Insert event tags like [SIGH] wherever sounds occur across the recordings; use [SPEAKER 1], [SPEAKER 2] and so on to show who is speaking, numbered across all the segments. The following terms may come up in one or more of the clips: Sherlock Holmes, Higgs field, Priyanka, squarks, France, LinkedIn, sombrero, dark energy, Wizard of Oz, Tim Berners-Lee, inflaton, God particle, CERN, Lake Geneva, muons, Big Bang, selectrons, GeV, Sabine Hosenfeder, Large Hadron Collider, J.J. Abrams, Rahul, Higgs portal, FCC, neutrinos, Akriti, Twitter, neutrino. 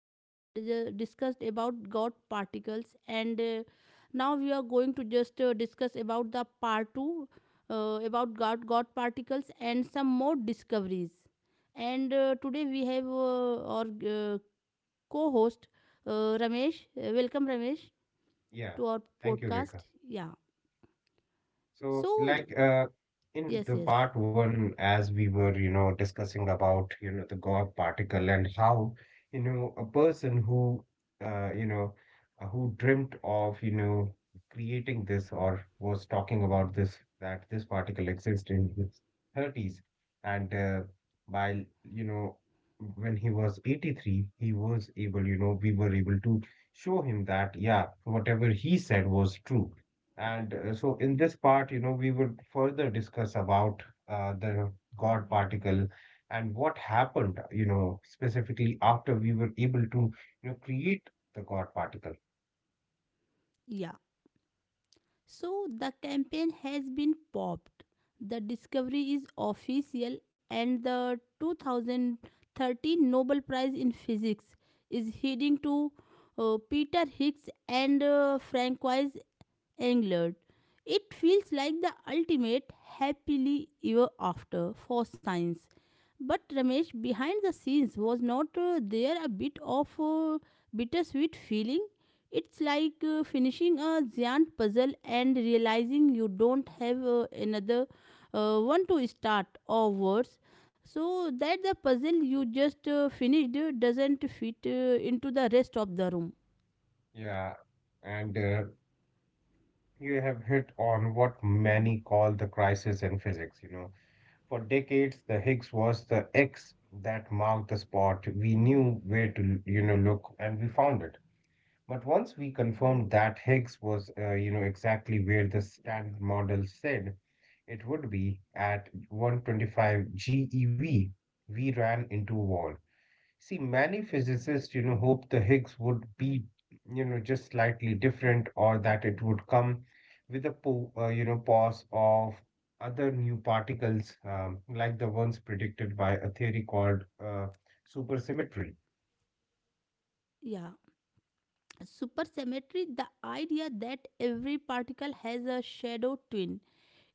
[SPEAKER 1] one, we have discussed about God particles, and now we are going to just discuss about the part two about God particles and some more discoveries. And today we have our uh, co-host Ramesh. Welcome, Ramesh,
[SPEAKER 2] Yeah,
[SPEAKER 1] to our
[SPEAKER 2] thank you,
[SPEAKER 1] podcast.
[SPEAKER 2] Rekha.
[SPEAKER 1] Yeah.
[SPEAKER 2] So,
[SPEAKER 1] So,
[SPEAKER 2] like in
[SPEAKER 1] yes,
[SPEAKER 2] the
[SPEAKER 1] yes,
[SPEAKER 2] part one, as we were, you know, discussing about, you know, the God particle and how, you know, a person who, you know, who dreamt of, you know, creating this or was talking about this, that this particle exists in his 30s. And while, you know, when he was 83, he was able, you know, we were able to show him that, yeah, whatever he said was true, and so in this part, you know, we would further discuss about the God particle and what happened, you know, specifically after we were able to, you know, create the God particle.
[SPEAKER 1] yeah. So the campaign has been popped. The discovery is official, and the 2013 Nobel Prize in Physics is heading to Peter Higgs and Francois England. It feels like the ultimate happily ever after for science. But Ramesh, behind the scenes, was not there a bit of bittersweet feeling? It's like finishing a giant puzzle and realizing you don't have another one to start, or worse, so that the puzzle you just finished doesn't fit into the rest of the room.
[SPEAKER 2] Yeah. And you have hit on what many call the crisis in physics, you know. For decades, the Higgs was the X that marked the spot. We knew where to, you know, look, and we found it. But once we confirmed that Higgs was, you know, exactly where the standard model said it would be at 125 GeV, we ran into a wall. See, many physicists, you know, hope the Higgs would be, you know, just slightly different, or that it would come with a, you know, pause of other new particles, like the ones predicted by a theory called supersymmetry.
[SPEAKER 1] Yeah. Supersymmetry, the idea that every particle has a shadow twin.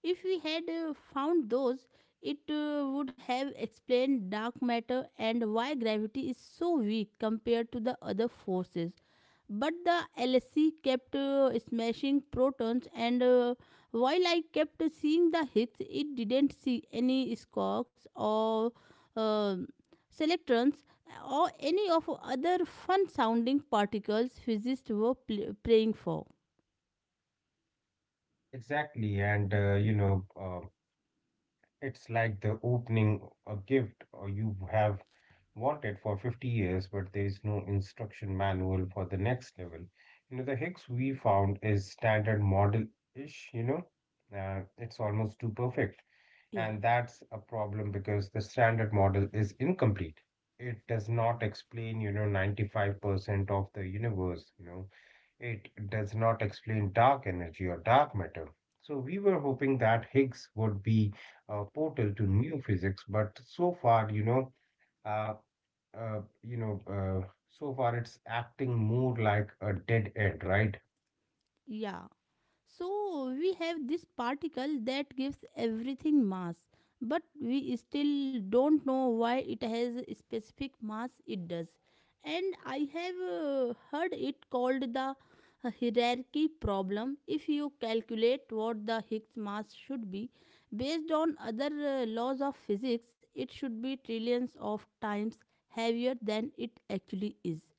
[SPEAKER 1] If we had found those, it would have explained dark matter and why gravity is so weak compared to the other forces. But the LHC kept smashing protons, and while I kept seeing the Higgs, it didn't see any squarks or uh, selectrons or any of other fun sounding particles physicists were praying for.
[SPEAKER 2] Exactly, and it's like the opening a gift or you have wanted for 50 years, but there is no instruction manual for the next level. You know, the Higgs we found is standard model-ish, you know, it's almost too perfect.
[SPEAKER 1] Yeah.
[SPEAKER 2] And that's a problem because the standard model is incomplete. It does not explain, you know, 95% of the universe, you know. It does not explain dark energy or dark matter. So we were hoping that Higgs would be a portal to new physics, but so far, uh, so far it's acting more like a dead end, right?
[SPEAKER 1] Yeah, so we have this particle that gives everything mass, but we still don't know why it has a specific mass it does. And I have heard it called the hierarchy problem. If you calculate what the Higgs mass should be based on other laws of physics, it should be trillions of times heavier than it actually is,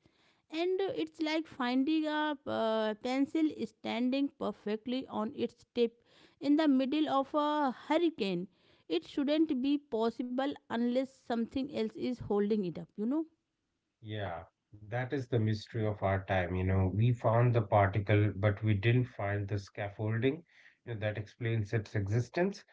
[SPEAKER 1] and it's like finding a pencil standing perfectly on its tip in the middle of a hurricane. It shouldn't be possible unless something else is holding it up, you know.
[SPEAKER 2] Yeah, that is the mystery of our time. You know, we found the particle, but we didn't find the scaffolding, you know, that explains its existence.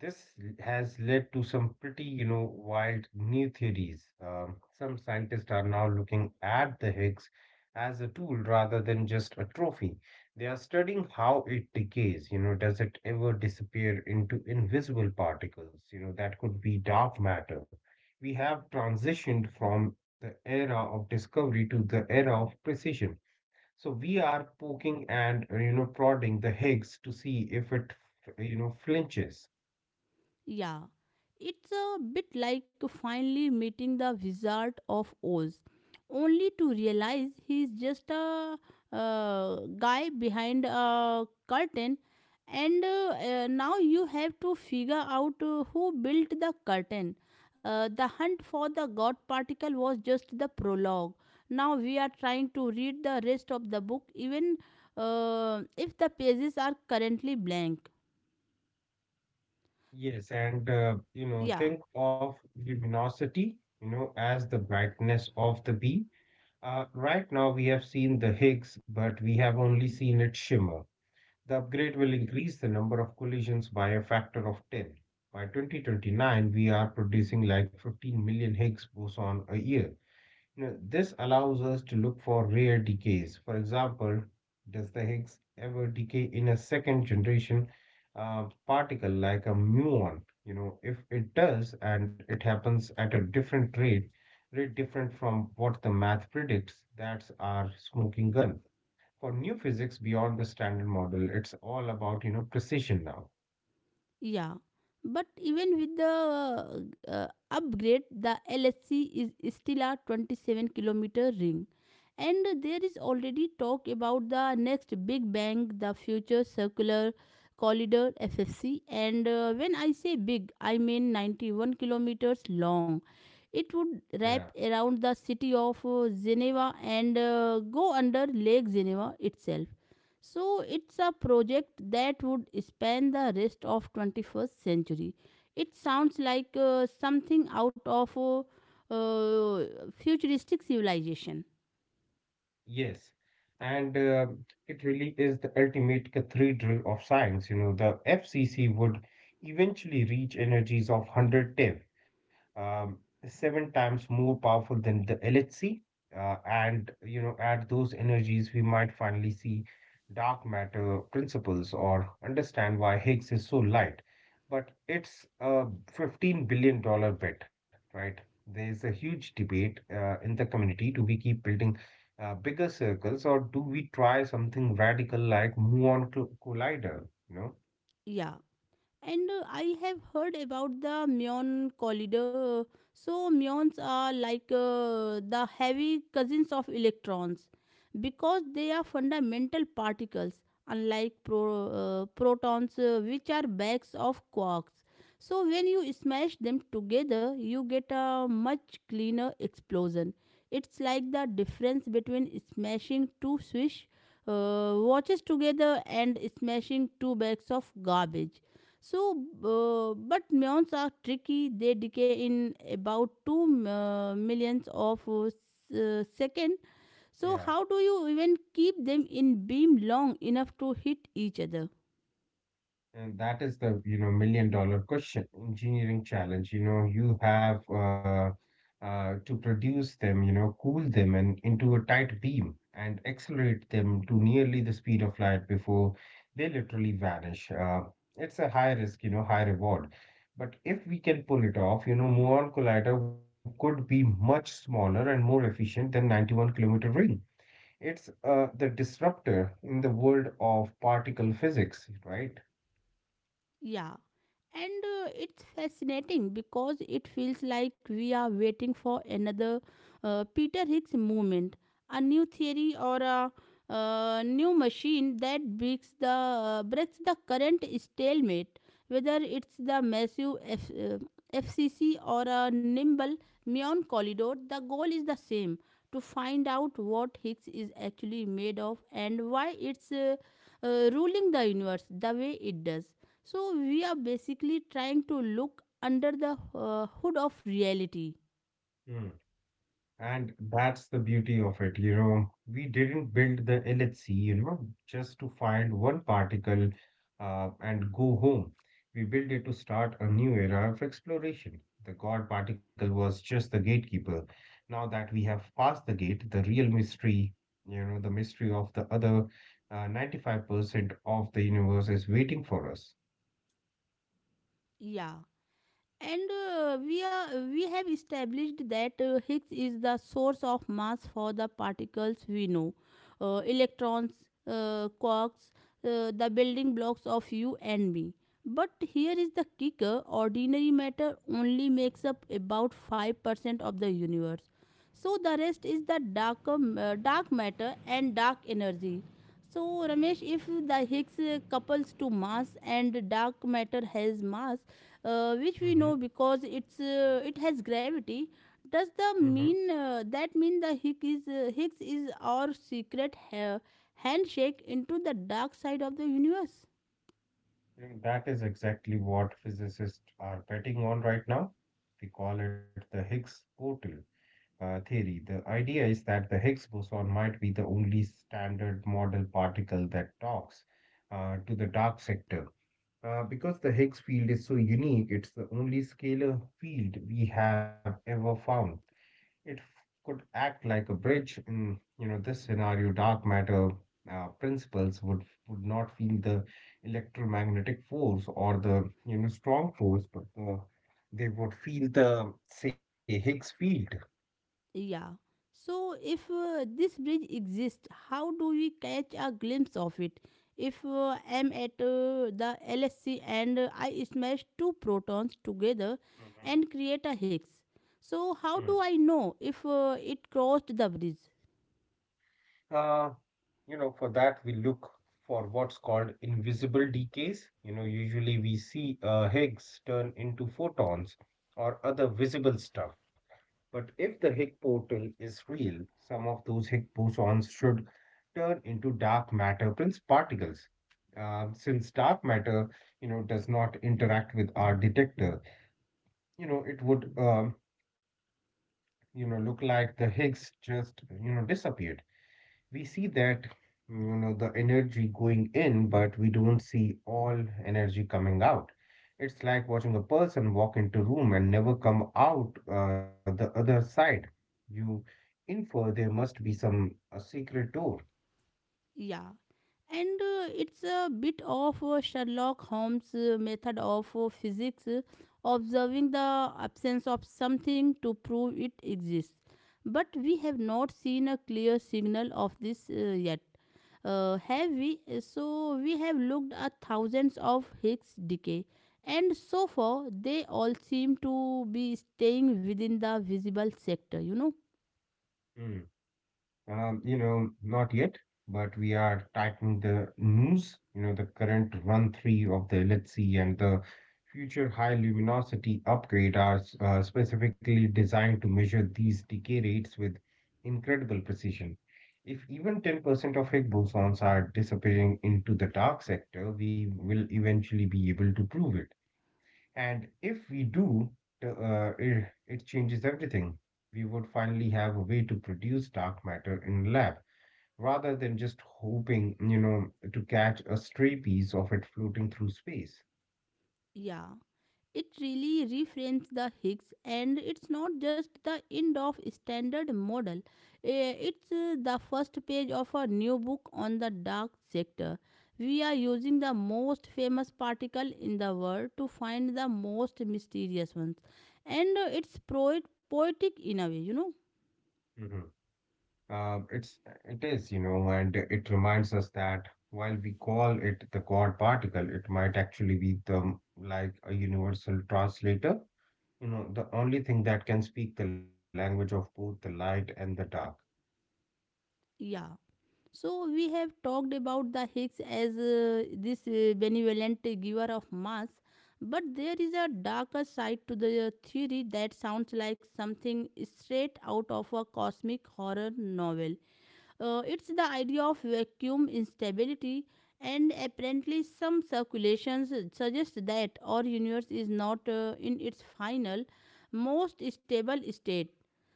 [SPEAKER 2] Has led to some pretty, you know, wild new theories. Some scientists are now looking at the Higgs as a tool rather than just a trophy. They are studying how it decays. You know, does it ever disappear into invisible particles? You know, that could be dark matter. We have transitioned from the era of discovery to the era of precision. So we are poking and you know, prodding the Higgs to see if it, you know, flinches.
[SPEAKER 1] Yeah, it's a bit like finally meeting the Wizard of Oz, only to realize he's just a guy behind a curtain, and now you have to figure out who built the curtain. The hunt for the God particle was just the prologue. Now we are trying to read the rest of the book, even if the pages are currently blank.
[SPEAKER 2] Yes, and you know,
[SPEAKER 1] Yeah.
[SPEAKER 2] think of luminosity, you know, as the brightness of the bee. Right now we have seen the Higgs, but we have only seen it shimmer. The upgrade will increase the number of collisions by a factor of 10. By 2029, we are producing like 15 million Higgs boson a year. You know, this allows us to look for rare decays. For example, does the Higgs ever decay in a second generation particle like a muon? You know, if it does and it happens at a different rate different from what the math predicts, that's our smoking gun. For new physics beyond the standard model, it's all about, you know, precision now.
[SPEAKER 1] Yeah, but even with the upgrade, the LSC is still a 27-kilometer ring, and there is already talk about the next big bang, the future circular corridor FFC. And when I say big, I mean 91 kilometers long. It would wrap
[SPEAKER 2] Yeah.
[SPEAKER 1] around the city of Geneva and go under Lake Geneva itself. So it's a project that would span the rest of 21st century. It sounds like something out of a uh, futuristic civilization.
[SPEAKER 2] Yes, and it really is the ultimate cathedral of science. You know, the FCC would eventually reach energies of 100 TeV, um, seven times more powerful than the LHC. And you know, at those energies, we might finally see dark matter principles or understand why Higgs is so light. But it's a $15 billion dollar bet, right? There's a huge debate in the community. Do we keep building bigger circles, or do we try something radical like muon collider? You know?
[SPEAKER 1] Yeah, and I have heard about the Myon collider. So, muons are like the heavy cousins of electrons because they are fundamental particles, unlike protons, which are bags of quarks. So, when you smash them together, you get a much cleaner explosion. It's like the difference between smashing two swish watches together and smashing two bags of garbage. so, but muons are tricky. They decay in about two millions of second. So,
[SPEAKER 2] Yeah.
[SPEAKER 1] how do you even keep them in beam long enough to hit each other?
[SPEAKER 2] And that is the, you know, million dollar question, engineering challenge. You know, you have to produce them, you know, cool them and into a tight beam and accelerate them to nearly the speed of light before they literally vanish. It's a high risk, you know, high reward. But if we can pull it off, you know, Muon Collider could be much smaller and more efficient than 91 kilometer ring. It's the disruptor in the world of particle physics, right?
[SPEAKER 1] Yeah, and it's fascinating because it feels like we are waiting for another Peter Higgs movement, a new theory or a new machine that breaks the current stalemate. Whether it's the massive FCC or a nimble muon corridor, the goal is the same: to find out what Higgs is actually made of and why it's ruling the universe the way it does. So we are basically trying to look under the hood of reality.
[SPEAKER 2] And that's the beauty of it, you know. We didn't build the LHC, you know, just to find one particle and go home. We built it to start a new era of exploration. The God particle was just the gatekeeper. Now that we have passed the gate, the real mystery, you know, the mystery of the other 95% of the universe is waiting for us.
[SPEAKER 1] Yeah. And we have established that Higgs is the source of mass for the particles we know, electrons, quarks, the building blocks of you and me. But here is the kicker: ordinary matter only makes up about 5% of the universe. So the rest is the dark matter and dark energy. So, Ramesh, if the Higgs couples to mass and dark matter has mass, which we
[SPEAKER 2] Mm-hmm,
[SPEAKER 1] know because it has gravity, does the
[SPEAKER 2] mm-hmm.
[SPEAKER 1] mean the Higgs is our secret handshake into the dark side of the universe?
[SPEAKER 2] I think that is exactly what physicists are betting on right now. We call it the Higgs portal theory. The idea is that the Higgs boson might be the only standard model particle that talks to the dark sector. Because the Higgs field is so unique, it's the only scalar field we have ever found. It could act like a bridge in, you know, this scenario. Dark matter principles would not feel the electromagnetic force or the, you know, strong force, but they would feel the, say, Higgs field.
[SPEAKER 1] Yeah. So, if this bridge exists, how do we catch a glimpse of it? If I'm at the LSC and I smash two protons together
[SPEAKER 2] Mm-hmm.
[SPEAKER 1] and create a Higgs, so how
[SPEAKER 2] Mm.
[SPEAKER 1] do I know if it crossed the bridge?
[SPEAKER 2] uh, you know, for that we look for what's called invisible decays. You know, usually we see Higgs turn into photons or other visible stuff. But if the Higgs portal is real, some of those Higgs bosons should turn into dark matter prince particles. Since dark matter, you know, does not interact with our detector, you know, it would, you know, look like the Higgs just, you know, disappeared. We see that, you know, the energy going in, but we don't see all energy coming out. It's like watching a person walk into a room and never come out the other side. You infer there must be some a secret door.
[SPEAKER 1] Yeah, and it's a bit of Sherlock Holmes' method of physics, observing the absence of something to prove it exists. But we have not seen a clear signal of this yet, have we? So we have looked at thousands of Higgs decay, and so far they all seem to be staying within the visible sector, you know?
[SPEAKER 2] Hmm. You know, not yet, but we are tightening the noose, you know. The current run three of the LHC and the future high luminosity upgrade are specifically designed to measure these decay rates with incredible precision. If even 10% of Higgs bosons are disappearing into the dark sector, we will eventually be able to prove it. And if we do, it changes everything. We would finally have a way to produce dark matter in lab rather than just hoping, you know, to catch a stray piece of it floating through space.
[SPEAKER 1] Yeah. It really reframes the Higgs, and it's not just the end of standard model. It's the first page of a new book on the dark sector. We are using the most famous particle in the world to find the most mysterious ones, and it's poetic in a way, you know.
[SPEAKER 2] Mhm. Uh, it's it is, you know, and it reminds us that while we call it the God particle, it might actually be the like a universal translator, you know, the only thing that can speak the language of both the light and the dark.
[SPEAKER 1] Yeah. So we have talked about the Higgs as this benevolent giver of mass, but there is a darker side to the theory that sounds like something straight out of a cosmic horror novel. It's the idea of vacuum instability, and apparently, some circulations suggest that our universe is not in its final, most stable state.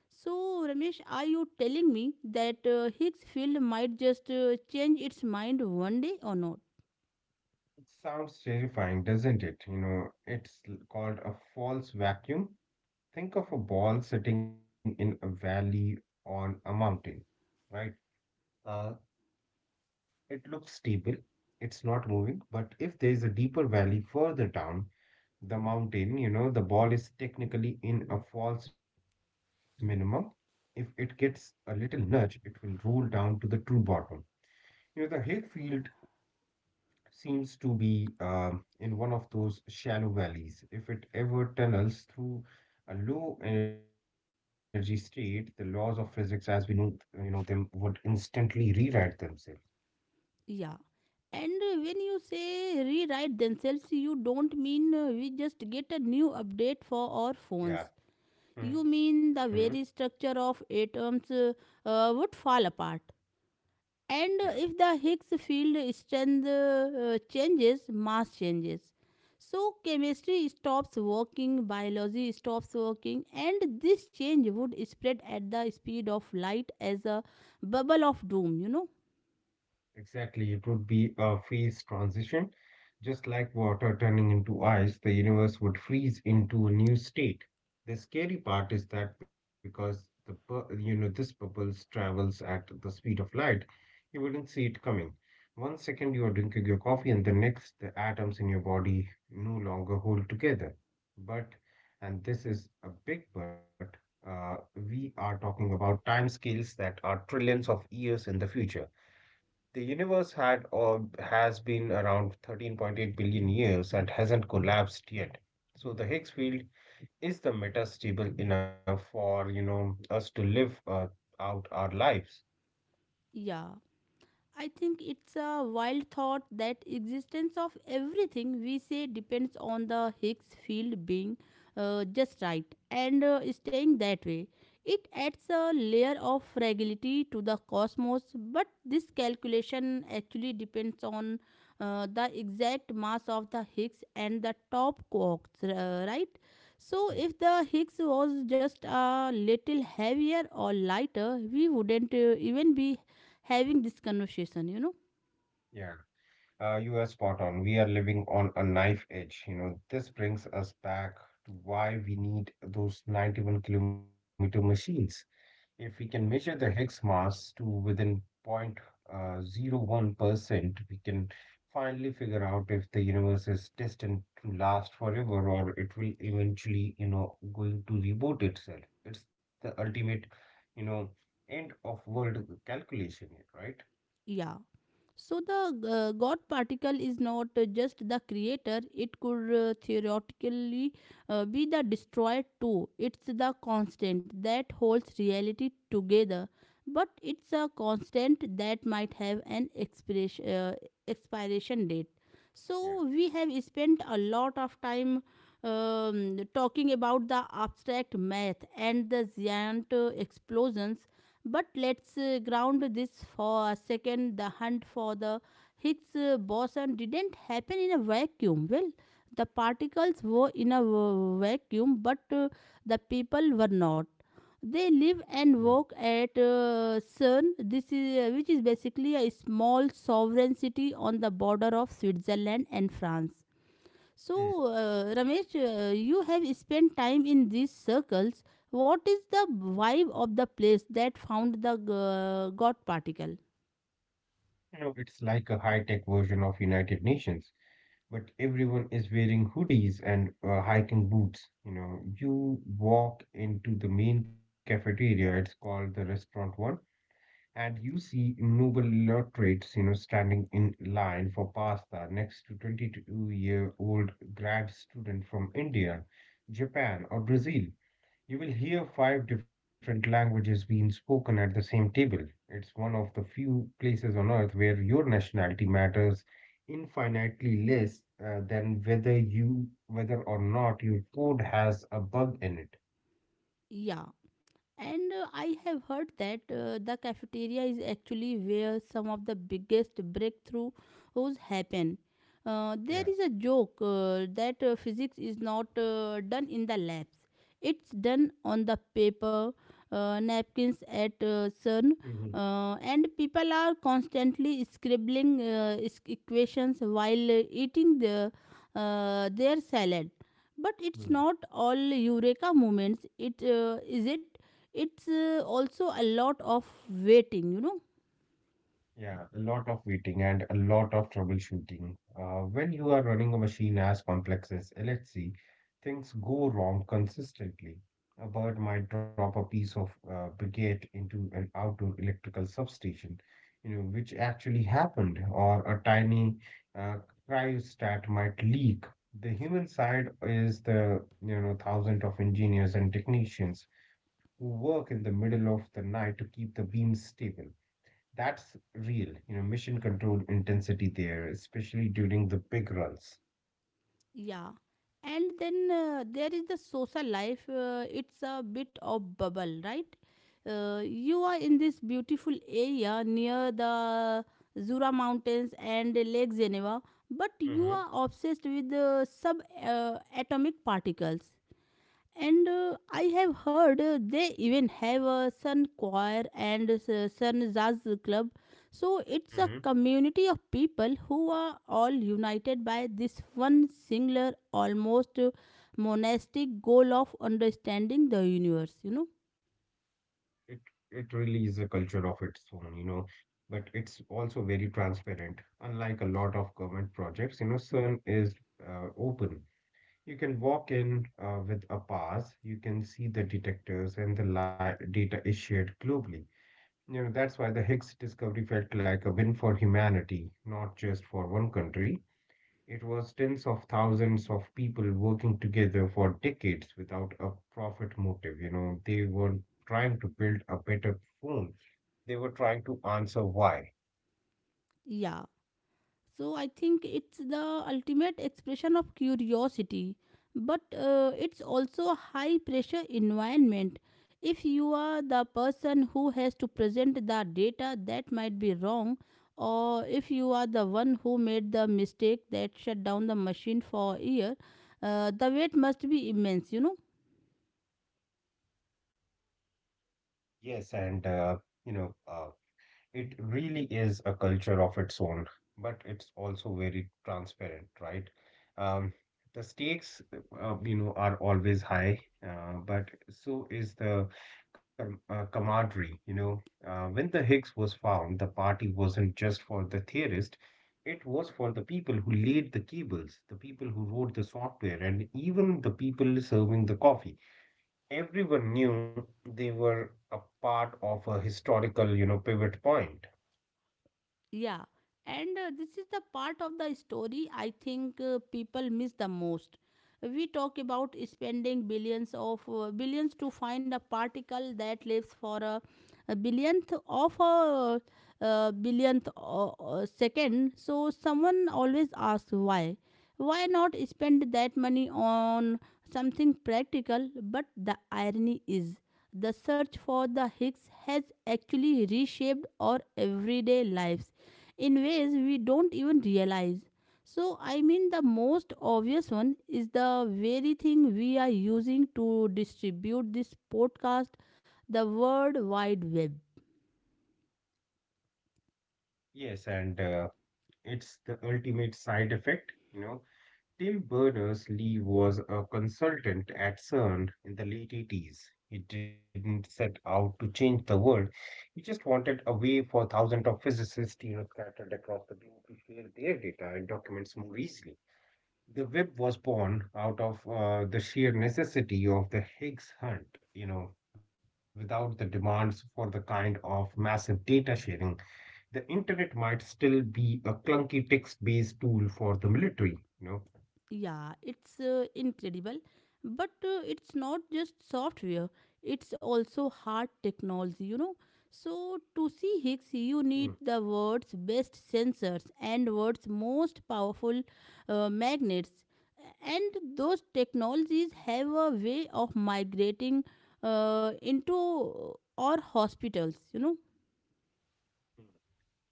[SPEAKER 1] So, Ramesh, are you telling me that Higgs field might just change its mind one day or not?
[SPEAKER 2] It sounds terrifying, doesn't it? You know, it's called a false vacuum. Think of a ball sitting in a valley on a mountain, right? Uh, it looks stable, it's not moving, but if there is a deeper valley further down the mountain, you know, the ball is technically in a false minimum. If it gets a little nudge, it will roll down to the true bottom. You know, the Higgs field seems to be, in one of those shallow valleys. If it ever tunnels through a low energy state, the laws of physics as we know, you know them, would instantly rewrite themselves.
[SPEAKER 1] Yeah. And when you say rewrite themselves, you don't mean we just get a new update for our
[SPEAKER 2] Yeah.
[SPEAKER 1] phones. You
[SPEAKER 2] Hmm.
[SPEAKER 1] mean the very structure of atoms would fall apart?
[SPEAKER 2] Yeah.
[SPEAKER 1] And if the Higgs field strength changes, mass changes. So chemistry stops working, biology stops working, and this change would spread at the speed of light as a bubble of doom, you know?
[SPEAKER 2] Exactly, it would be a phase transition. Just like water turning into ice, the universe would freeze into a new state. The scary part is that because the you know, this bubble travels at the speed of light, you wouldn't see it coming. 1 second you are drinking your coffee, and the next the atoms in your body no longer hold together. But, and this is a big but, we are talking about time scales that are trillions of years in the future. The universe had or has been around 13.8 billion years and hasn't collapsed yet. So the Higgs field is the meta stable enough for, you know, us to live out our lives.
[SPEAKER 1] Yeah. I think it's a wild thought that existence of everything we say depends on the Higgs field being just right and staying that way. It adds a layer of fragility to the cosmos, but this calculation actually depends on the exact mass of the Higgs and the top quarks, right? So,
[SPEAKER 2] Hmm.
[SPEAKER 1] if the Higgs was just a little heavier or lighter, we wouldn't even be having this conversation, you know?
[SPEAKER 2] Yeah, you are spot on. We are living on a knife edge. You know, this brings us back to why we need those 91-kilometer machines. If we can measure the Higgs mass to within 0.01%, we can finally figure out if the universe is destined to last forever, or it will eventually, you know, going to reboot itself. It's the ultimate, you know, end of world calculation here, right?
[SPEAKER 1] Yeah. So the God particle is not just the creator, it could theoretically be the destroyer too. It's the constant that holds reality together, but it's a constant that might have an expiration date.
[SPEAKER 2] Yeah.
[SPEAKER 1] So we have spent a lot of time talking about the abstract math and the giant explosions. But let's ground this for a second. The hunt for the Higgs boson didn't happen in a vacuum. Well, the particles were in a vacuum, but the people were not. They live
[SPEAKER 2] Mm.
[SPEAKER 1] and work at CERN, which is basically a small sovereign city on the border of Switzerland and France.
[SPEAKER 2] Mm.
[SPEAKER 1] So, Ramesh, you have spent time in these circles. What is the vibe of the place that found the God particle?
[SPEAKER 2] You know, it's like a high-tech version of United Nations. But everyone is wearing hoodies and hiking boots. You know, you walk into the main cafeteria, it's called the restaurant one, and you see noble laureates, you know, standing in line for pasta next to 22-year-old grad student from India, Japan, or Brazil. You will hear five different languages being spoken at the same table. It's one of the few places on earth where your nationality matters infinitely less than whether or not your code has a bug in it.
[SPEAKER 1] Yeah. And I have heard that the cafeteria is actually where some of the biggest breakthroughs happen. There
[SPEAKER 2] Yeah.
[SPEAKER 1] is a joke that physics is not done in the labs, it's done on the paper, napkins at CERN. And people are constantly scribbling equations while eating their salad. But it's
[SPEAKER 2] Mhm.
[SPEAKER 1] not all eureka moments, it is it, it's also a lot of waiting, you know.
[SPEAKER 2] Yeah, a lot of waiting and a lot of troubleshooting. When you are running a machine as complex as LHC, things go wrong consistently. A bird might drop a piece of brigade into an outdoor electrical substation, you know, which actually happened, or a tiny uh, cryostat might leak. The human side is the, you know, thousands of engineers and technicians who work in the middle of the night to keep the beams stable. That's real, you know, mission control intensity there, especially during the big runs.
[SPEAKER 1] Yeah, and then there is the social life. It's a bit of bubble, right? You are in this beautiful area near the Zura Mountains and Lake Geneva, but you
[SPEAKER 2] Hmm.
[SPEAKER 1] are obsessed with the sub atomic particles. And I have heard they even have a sun choir and sun jazz club. So it's a
[SPEAKER 2] Hmm.
[SPEAKER 1] community of people who are all united by this one singular, almost monastic goal of understanding the universe, you know?
[SPEAKER 2] It it really is a culture of its own, you know, but it's also very transparent. Unlike a lot of government projects, you know, CERN is open. You can walk in with a pass, you can see the detectors and the data is shared globally. You know, that's why the Higgs discovery felt like a win for humanity, not just for one country. It was tens of thousands of people working together for decades without a profit motive. You know, they were trying to build a better phone. They were trying to answer why.
[SPEAKER 1] Yeah. So I think it's the ultimate expression of curiosity, but it's also a high pressure environment. If you are the person who has to present the data that might be wrong, or if you are the one who made the mistake that shut down the machine for a year, the weight must be immense, you know.
[SPEAKER 2] Yes, and you know, it really is a culture of its own, but it's also very transparent, right? Um, the stakes, you know, are always high, but so is the com camaraderie, you know. When the Higgs was found, the party wasn't just for the theorist, it was for the people who laid the cables, the people who wrote the software, and even the people serving the coffee. Everyone knew they were a part of a historical, you know, pivot point.
[SPEAKER 1] Yeah, and this is the part of the story I think people miss the most. We talk about spending billions to find a particle that lives for a billionth of a, billionth second. So someone always asks why. Why not spend that money on something practical? But the irony is, the search for the Higgs has actually reshaped our everyday lives in ways we don't even realize. So, I mean, the most obvious one is the very thing we are using to distribute this podcast, the World Wide Web.
[SPEAKER 2] Yes, and it's the ultimate side effect. You know, Tim Berners-Lee was a consultant at CERN in the late 80s. He didn't set out to change the world. He just wanted a way for thousands of physicists, you know, scattered across the globe to share their data and documents more easily. The web was born out of the sheer necessity of the Higgs hunt, you know, without the demands for the kind of massive data sharing the internet might still be a clunky text-based tool for the military, you know.
[SPEAKER 1] Yeah, it's incredible. But it's not just software, it's also hard technology, you know. So, to see
[SPEAKER 2] Hmm.
[SPEAKER 1] Higgs, you need the world's best sensors and world's most powerful magnets. And those technologies have a way of migrating into our hospitals, you know.
[SPEAKER 2] Hmm.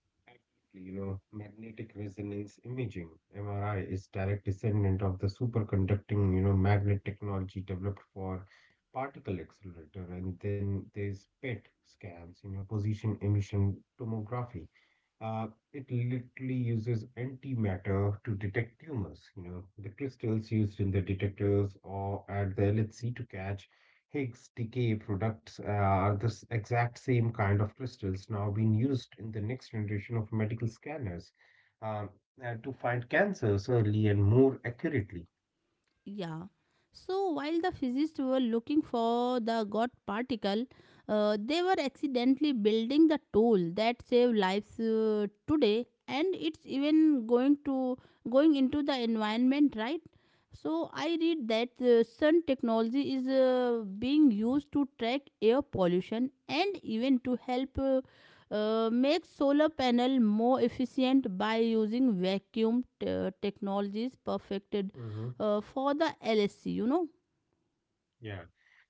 [SPEAKER 2] Absolutely, you know, magnetic resonance imaging, MRI, is direct descendant of the superconducting, you know, magnet technology developed for particle accelerator. And then there's PET scans, you know, position emission tomography. It literally uses antimatter to detect tumors. You know, the crystals used in the detectors or at the LHC to catch Higgs decay products are the exact same kind of crystals now being used in the next generation of medical scanners, um, to find cancers early and more accurately.
[SPEAKER 1] Yeah. So while the physicists were looking for the God particle, they were accidentally building the tool that save lives today, and it's even going into the environment, right? So I read that sun technology is being used to track air pollution and even to help make solar panel more efficient by using technologies perfected
[SPEAKER 2] Mm-hmm.
[SPEAKER 1] for the LSC, you know.
[SPEAKER 2] Yeah.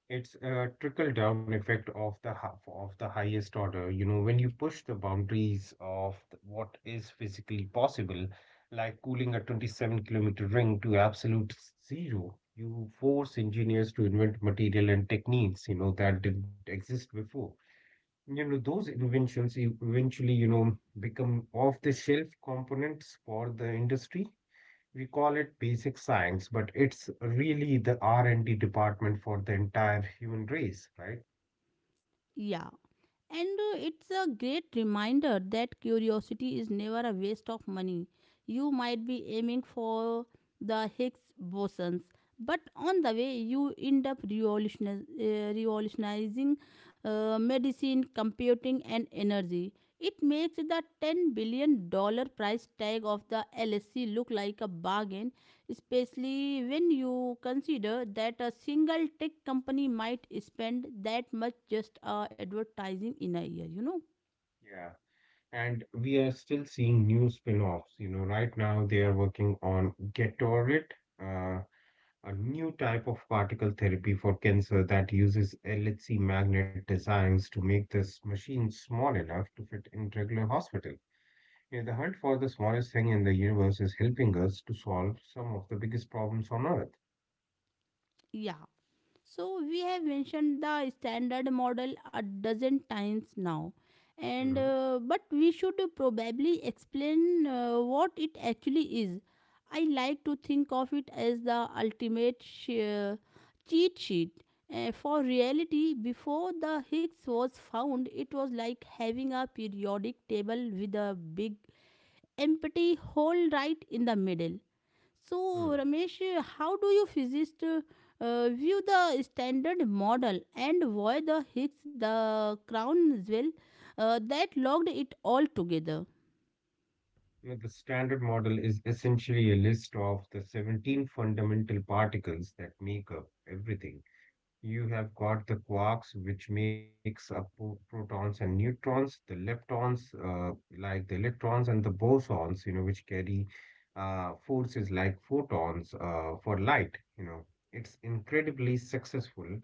[SPEAKER 2] It's a trickle-down effect of the of the highest order. You know, when you push the boundaries of what is physically possible, like cooling a 27-kilometer ring to absolute zero, you force engineers to invent material and techniques, you know, that didn't exist before. You know, those inventions eventually, you know, become off-the-shelf components for the industry. We call it basic science, but it's really the R&D department for the entire human race, right?
[SPEAKER 1] Yeah. And it's a great reminder that curiosity is never a waste of money. You might be aiming for the Higgs bosons, but on the way, you end up revolutionizing medicine, computing, and energy. It makes the $10 billion dollars price tag of the LSC look like a bargain, especially when you consider that a single tech company might spend that much just advertising in a year, you know.
[SPEAKER 2] Yeah. And we are still seeing new spin-offs. You know, right now they are working on Getorit, uh, a new type of particle therapy for cancer that uses LHC magnet designs to make this machine small enough to fit in regular hospital. You know, the hunt for the smallest thing in the universe is helping us to solve some of the biggest problems on Earth.
[SPEAKER 1] Yeah. So we have mentioned the standard model a dozen times now, and
[SPEAKER 2] Mhm.
[SPEAKER 1] but we should probably explain what it actually is. I like to think of it as the ultimate cheat sheet for reality. Before the Higgs was found, it was like having a periodic table with a big empty hole right in the middle. So, Ramesh, how do you physicists view the standard model, and why the Higgs, the crown as well, that locked it all together?
[SPEAKER 2] Now, the standard model is essentially a list of the 17 fundamental particles that make up everything. You have got the quarks, which makes up protons and neutrons, the leptons, like the electrons, and the bosons, you know, which carry forces like photons for light. You know, it's incredibly successful.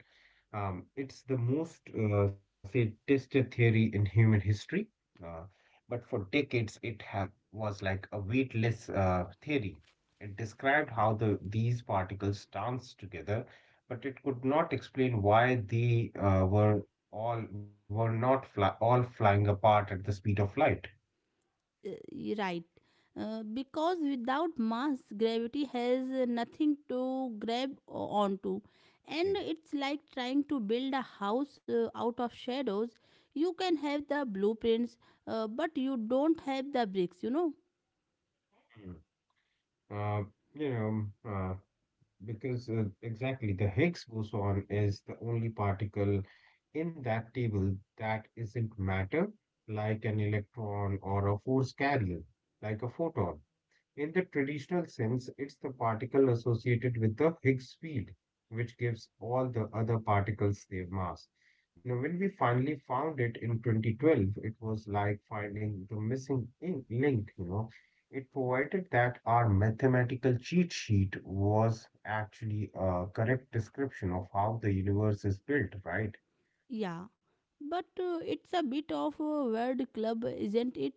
[SPEAKER 2] It's the most, say, tested theory in human history. Uh, but for decades, was like a weightless theory. It described how these particles dance together, but it could not explain why they were all were not fly, all flying apart at the speed of light.
[SPEAKER 1] Uh, right. Because without mass, gravity has nothing to onto. And
[SPEAKER 2] Yeah.
[SPEAKER 1] it's like trying to build a house out of shadows. You can have the blueprints, but you don't have the bricks, you know.
[SPEAKER 2] Mm. Uh, you know, uh, because exactly the Higgs boson is the only particle in that table that isn't matter, like an electron or a force carrier, like a photon. In the traditional sense, it's the particle associated with the Higgs field, which gives all the other particles their mass. Now, when we finally found it in 2012, it was like finding the missing link, you know. It provided that our mathematical cheat sheet was actually a correct description of how the universe is built, right?
[SPEAKER 1] Yeah, but it's a bit of a weird club, isn't it?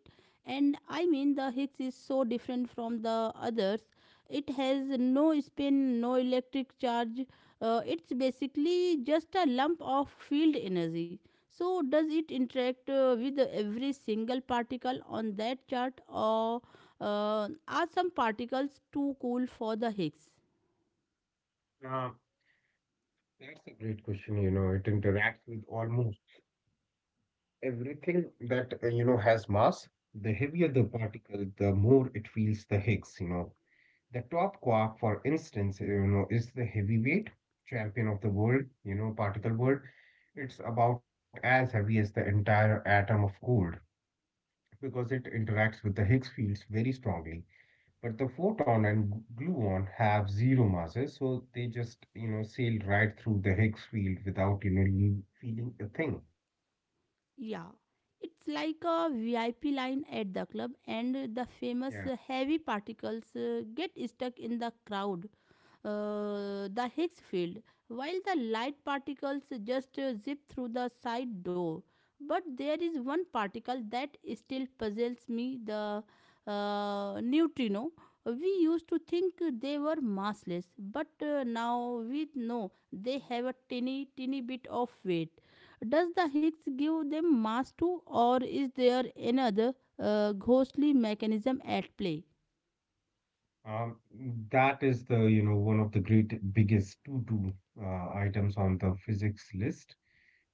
[SPEAKER 1] And I mean, the Higgs is so different from the others. It has no spin, no electric charge. It's basically just a lump of field energy. So, does it interact with every single particle on that chart, or are some particles too cool for the Higgs?
[SPEAKER 2] Uh, that's a great question, you know. It interacts with almost everything that you know has mass. The heavier the particle, the more it feels the Higgs, you know. The top quark, for instance, you know, is the heavyweight champion of the world, you know, particle world. It's about as heavy as the entire atom of gold because it interacts with the Higgs fields very strongly. But the photon and gluon have zero masses, so they just, you know, sail right through the Higgs field without, you know, you feeling a thing.
[SPEAKER 1] Yeah, it's like a VIP line at the club, and
[SPEAKER 2] Yeah.
[SPEAKER 1] the famous heavy particles get stuck in the crowd, the Higgs field, while the light particles just zip through the side door. But there is one particle that still puzzles me, the neutrino. We used to think they were massless, but now we know they have a tiny, tiny bit of weight. Does the Higgs give them mass too, or is there another ghostly mechanism at play?
[SPEAKER 2] Um, that is the, you know, one of the great biggest to-do items on the physics list.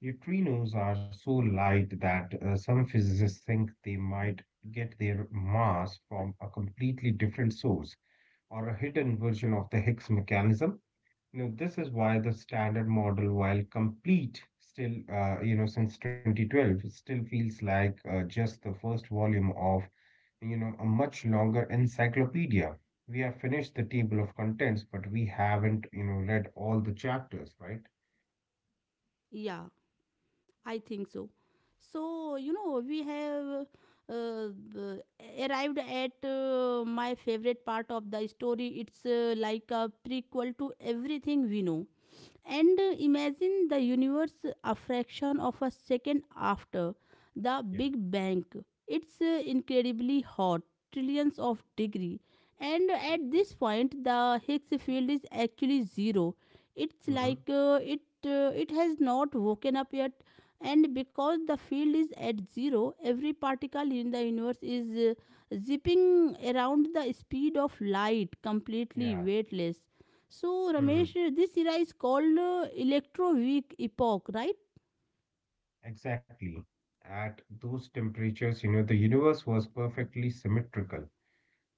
[SPEAKER 2] Neutrinos are so light that some physicists think they might get their mass from a completely different source or a hidden version of the Higgs mechanism. You know, this is why the standard model, while complete, still, you know, since 2012, it still feels like just the first volume of, you know, a much longer encyclopedia. We have finished the table of contents, but we haven't, you know, read all the chapters, right?
[SPEAKER 1] Yeah, I think so. So, you know, we have uh, b- arrived at my favorite part of the story. It's like a prequel to everything we know. And imagine the universe a fraction of a second after the
[SPEAKER 2] Yeah.
[SPEAKER 1] Big Bang. It's incredibly hot, trillions of degree. And at this point, the Higgs field is actually zero. It's
[SPEAKER 2] Mm-hmm. Hmm.
[SPEAKER 1] like it has not woken up yet. And because the field is at zero, every particle in the universe is zipping around the speed of light, completely
[SPEAKER 2] Yeah.
[SPEAKER 1] weightless. So,
[SPEAKER 2] Hmm.
[SPEAKER 1] Ramesh, this era is called electroweak epoch, right?
[SPEAKER 2] Exactly. At those temperatures, you know, the universe was perfectly symmetrical.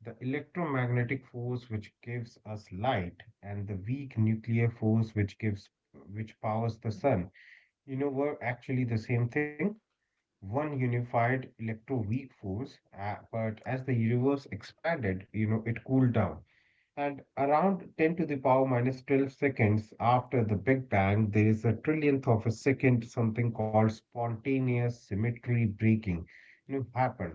[SPEAKER 2] The electromagnetic force which gives us light and the weak nuclear force which powers the sun, you know, were actually the same thing. One unified electroweak force, but as the universe expanded, you know, it cooled down. And around 10 to the power minus 12 seconds after the Big Bang, there is a trillionth of a second something called spontaneous symmetry breaking, you know, happen.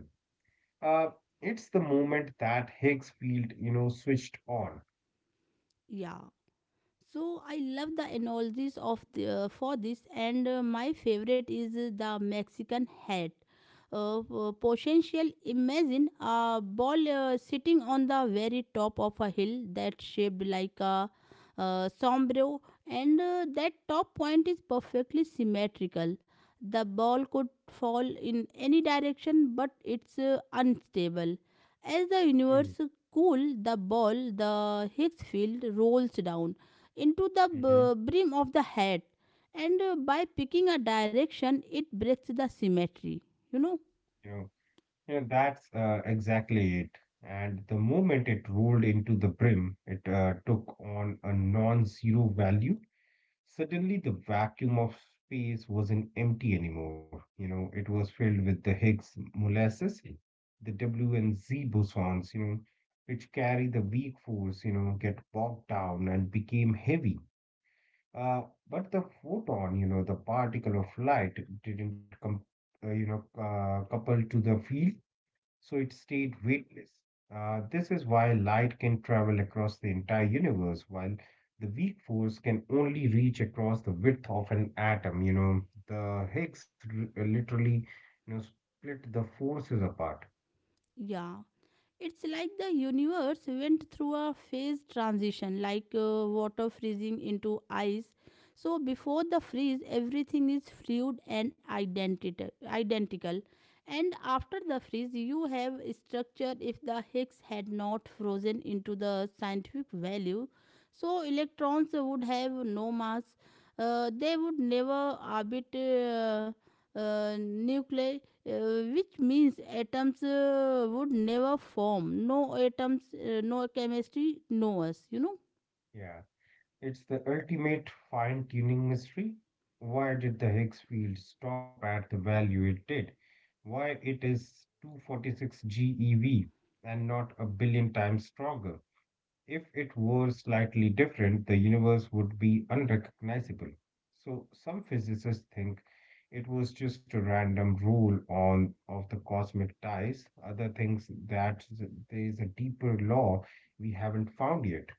[SPEAKER 2] Uh, it's the moment that Higgs field, you know, switched on.
[SPEAKER 1] Yeah. So I love the analogies of for this, and my favorite is the Mexican hat. Potential, imagine a ball sitting on the very top of a hill that shaped like a sombrero, and that top point is perfectly symmetrical. The ball could fall in any direction, but it's unstable. As the
[SPEAKER 2] Mm.
[SPEAKER 1] universe cool the ball, the Higgs field rolls down into the
[SPEAKER 2] Mm-hmm.
[SPEAKER 1] brim of the hat, and by picking a direction, it breaks the symmetry. You know?
[SPEAKER 2] Yeah, that's exactly it. And the moment it rolled into the brim, it took on a non-zero value. Suddenly, the vacuum of space wasn't empty anymore. You know, it was filled with the Higgs molasses, the W and Z bosons, you know, which carry the weak force, you know, get bogged down and became heavy. Uh, but the photon, you know, the particle of light didn't couple to the field, so it stayed weightless. This is why light can travel across the entire universe, while the weak force can only reach across the width of an atom. You know, the literally, you know, split the forces apart.
[SPEAKER 1] Yeah. It's like the universe went through a phase transition, like water freezing into ice. So, before the freeze, everything is fluid and identical. And after the freeze, you have structure if the Higgs had not frozen into the scientific value. So, electrons would have no mass, they would never orbit nuclei, which means atoms would never form. No atoms, no chemistry, no us, you know?
[SPEAKER 2] Yeah, it's the ultimate fine-tuning mystery. Why did the Higgs field stop at the value it did? Why it is 246 GeV and not a billion times stronger? If it were slightly different, the universe would be unrecognizable. So some physicists think it was just a random rule on of the cosmic ties. Other thinks that there is a deeper law we haven't found yet.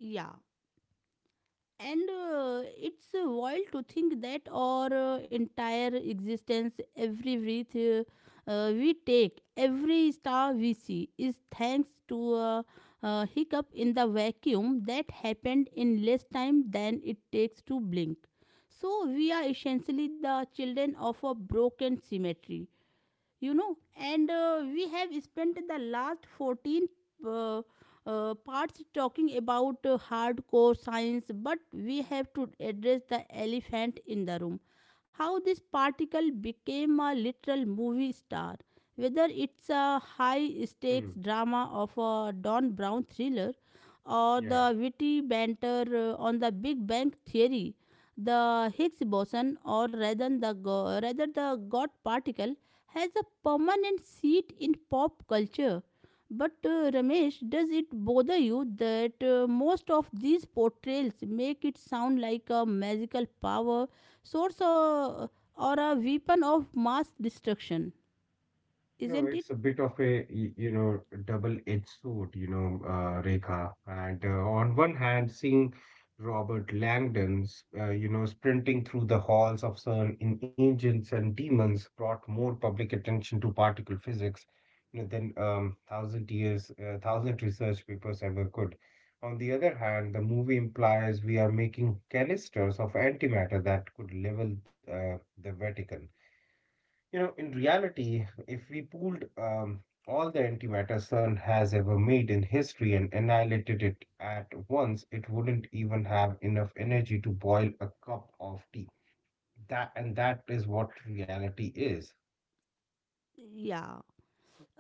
[SPEAKER 1] Yeah. And it's wild to think that our entire existence, every breath we take, every star we see, is thanks to a hiccup in the vacuum that happened in less time than it takes to blink. So we are essentially the children of a broken symmetry, you know, and we have spent the last 14 uh, parts talking about hardcore science, but we have to address the elephant in the room, how this particle became a literal movie star, whether it's a high stakes
[SPEAKER 2] Hmm.
[SPEAKER 1] drama of a don brown thriller or
[SPEAKER 2] Yeah.
[SPEAKER 1] the witty banter on the big bang theory. The higgs boson, or rather the god particle, has a permanent seat in pop culture. But Ramesh, does it bother you that most of these portrayals make it sound like a magical power source, or a weapon of mass destruction?
[SPEAKER 2] You know,
[SPEAKER 1] Isn't
[SPEAKER 2] it's
[SPEAKER 1] it?
[SPEAKER 2] a bit of a, you know, double-edged sword, you know, Rekha. And on one hand, seeing Robert Langdon's, you know, sprinting through the halls of CERN in Angels and Demons brought more public attention to particle physics, you know, than thousand research papers ever could. On the other hand, the movie implies we are making canisters of antimatter that could level the Vatican. You know, in reality, if we pooled all the antimatter CERN has ever made in history and annihilated it at once, it wouldn't even have enough energy to boil a cup of tea. That is what reality is.
[SPEAKER 1] Yeah.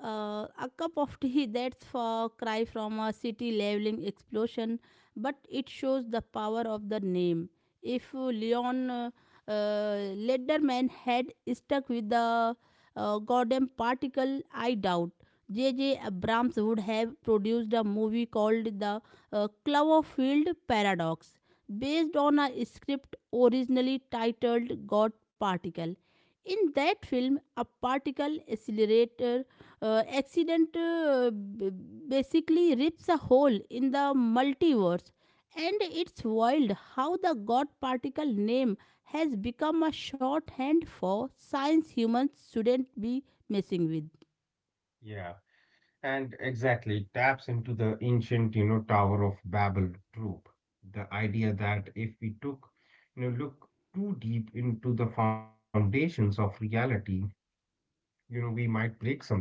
[SPEAKER 1] A cup of [LAUGHS] tea that's for cry from a city leveling explosion, but it shows the power of the name. If Leon uh, Lederman had stuck with the goddamn particle, I doubt J.J. Abrams would have produced a movie called The Cloverfield Paradox, based on a script originally titled God Particle. In that film, a particle accelerator accident basically rips a hole in the multiverse, and it's wild how the God particle name has become a shorthand for science humans shouldn't be messing with.
[SPEAKER 2] Yeah, and exactly it taps into the ancient, you know, Tower of Babel trope. The idea that if we look too deep into the foundations of reality, you know, we might break something.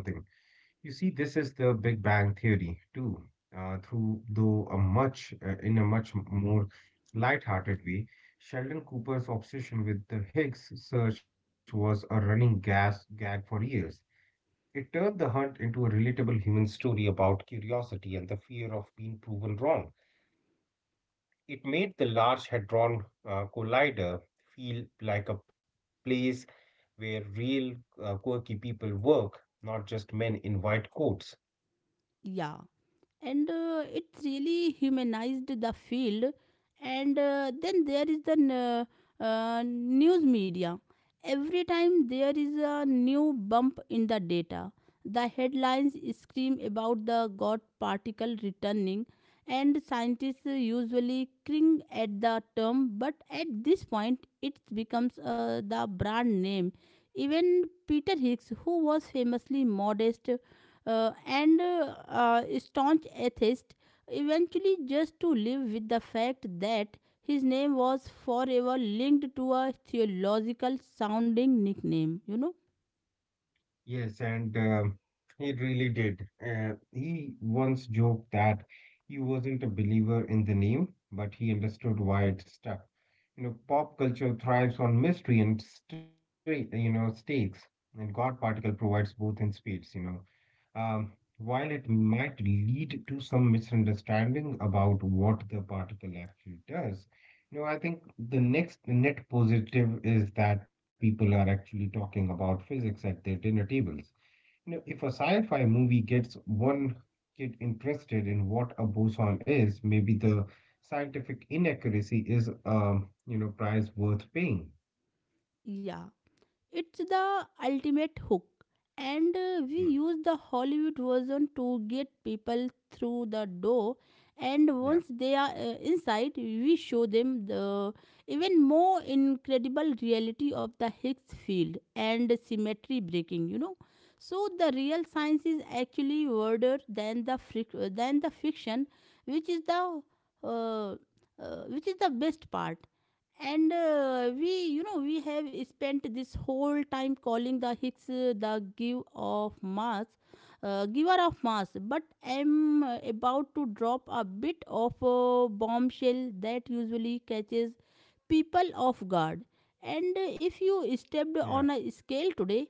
[SPEAKER 2] You see, this is the Big Bang Theory too, through though a much in a much more light-hearted way. Sheldon Cooper's obsession with the Higgs search was a running gas gag for years. It turned the hunt into a relatable human story about curiosity and the fear of being proven wrong. It made the Large Hadron Collider feel like a place where real quirky people work, not just men in white coats.
[SPEAKER 1] Yeah. And it really humanized the field, and then there is the news media. Every time there is a new bump in the data, the headlines scream about the god particle returning, and scientists usually cling at the term, but at this point it becomes the brand name. Even peter higgs, who was famously modest, and staunch atheist, eventually just to live with the fact that his name was forever linked to a theological sounding nickname, you know.
[SPEAKER 2] Yes, and he really did. He once joked that he wasn't a believer in the name, but he understood why it stuck. You know, pop culture thrives on mystery and straight, you know, stakes, and God Particle provides both in spades, you know. Um, while it might lead to some misunderstanding about what the particle actually does, you know, I think the next net positive is that people are actually talking about physics at their dinner tables. You know, if a sci-fi movie gets one kid interested in what a boson is, maybe the scientific inaccuracy is you know, price worth paying.
[SPEAKER 1] Yeah. It's the ultimate hook, and
[SPEAKER 2] Mm,
[SPEAKER 1] we use the Hollywood version to get people through the door. And
[SPEAKER 2] yeah.
[SPEAKER 1] once they are inside, we show them the even more incredible reality of the Higgs field and symmetry breaking. You know, so the real science is actually harder than the fiction, which is the best part. And we, you know, we have spent this whole time calling the higgs the giver of mass, but I'm about to drop a bit of a bombshell that usually catches people off guard. And if you stepped on a
[SPEAKER 2] Yeah,
[SPEAKER 1] scale today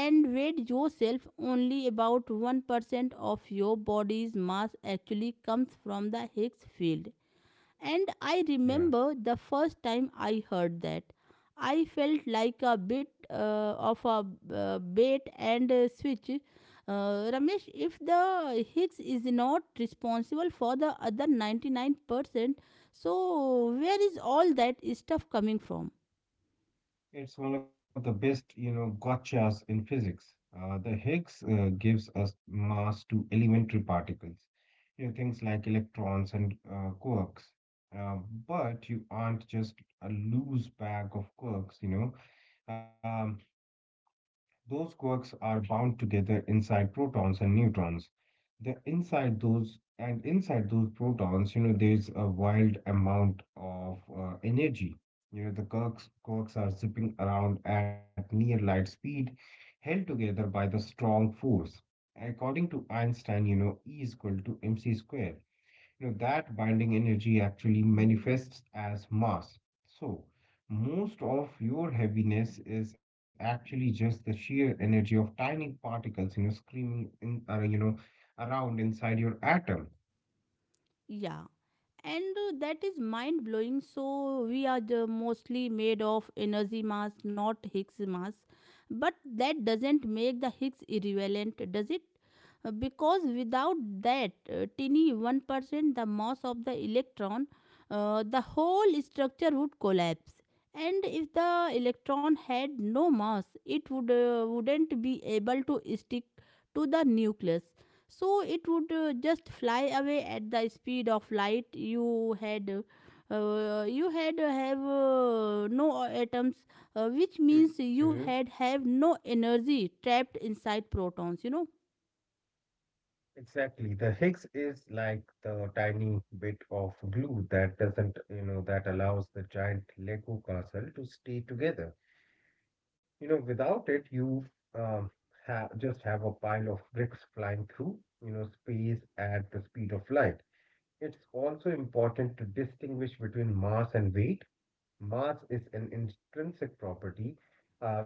[SPEAKER 1] and weighed yourself, only about 1% of your body's mass actually comes from the higgs field, and I remember
[SPEAKER 2] yeah.
[SPEAKER 1] the first time I heard that. I felt like a bit of a bait and switch. Ramesh, if the Higgs is not responsible for the other 99%, so where is all that stuff coming from?
[SPEAKER 2] It's one of the best, you know, gotchas in physics. The Higgs gives us mass to elementary particles, you know, things like electrons and quarks. Uh, but you aren't just a loose bag of quarks, you know. Um, Those quarks are bound together inside protons and neutrons. The inside those and inside those protons, you know, there's a wild amount of energy. You know, the quarks are zipping around at near light speed, held together by the strong force. According to Einstein, you know, E is equal to mc square. You know, that binding energy actually manifests as mass. So, most of your heaviness is actually just the sheer energy of tiny particles, you know, screaming in, you know, around inside your atom.
[SPEAKER 1] Yeah. And that is mind blowing, so we are the mostly made of energy mass, not higgs mass, but that doesn't make the higgs irrelevant, does it? Because without that tiny 1%, the mass of the electron, the whole structure would collapse. And if the electron had no mass, it wouldn't be able to stick to the nucleus, so it would just fly away at the speed of light. You had uh, you had uh, have uh, no atoms, which means
[SPEAKER 2] Hmm.
[SPEAKER 1] you had have no energy trapped inside protons, you know.
[SPEAKER 2] Exactly. The Higgs is like the tiny bit of glue that doesn't, you know, that allows the giant Lego castle to stay together. You know, without it, you um, ha just have a pile of bricks flying through, you know, space at the speed of light. It's also important to distinguish between mass and weight. Mass is an intrinsic property.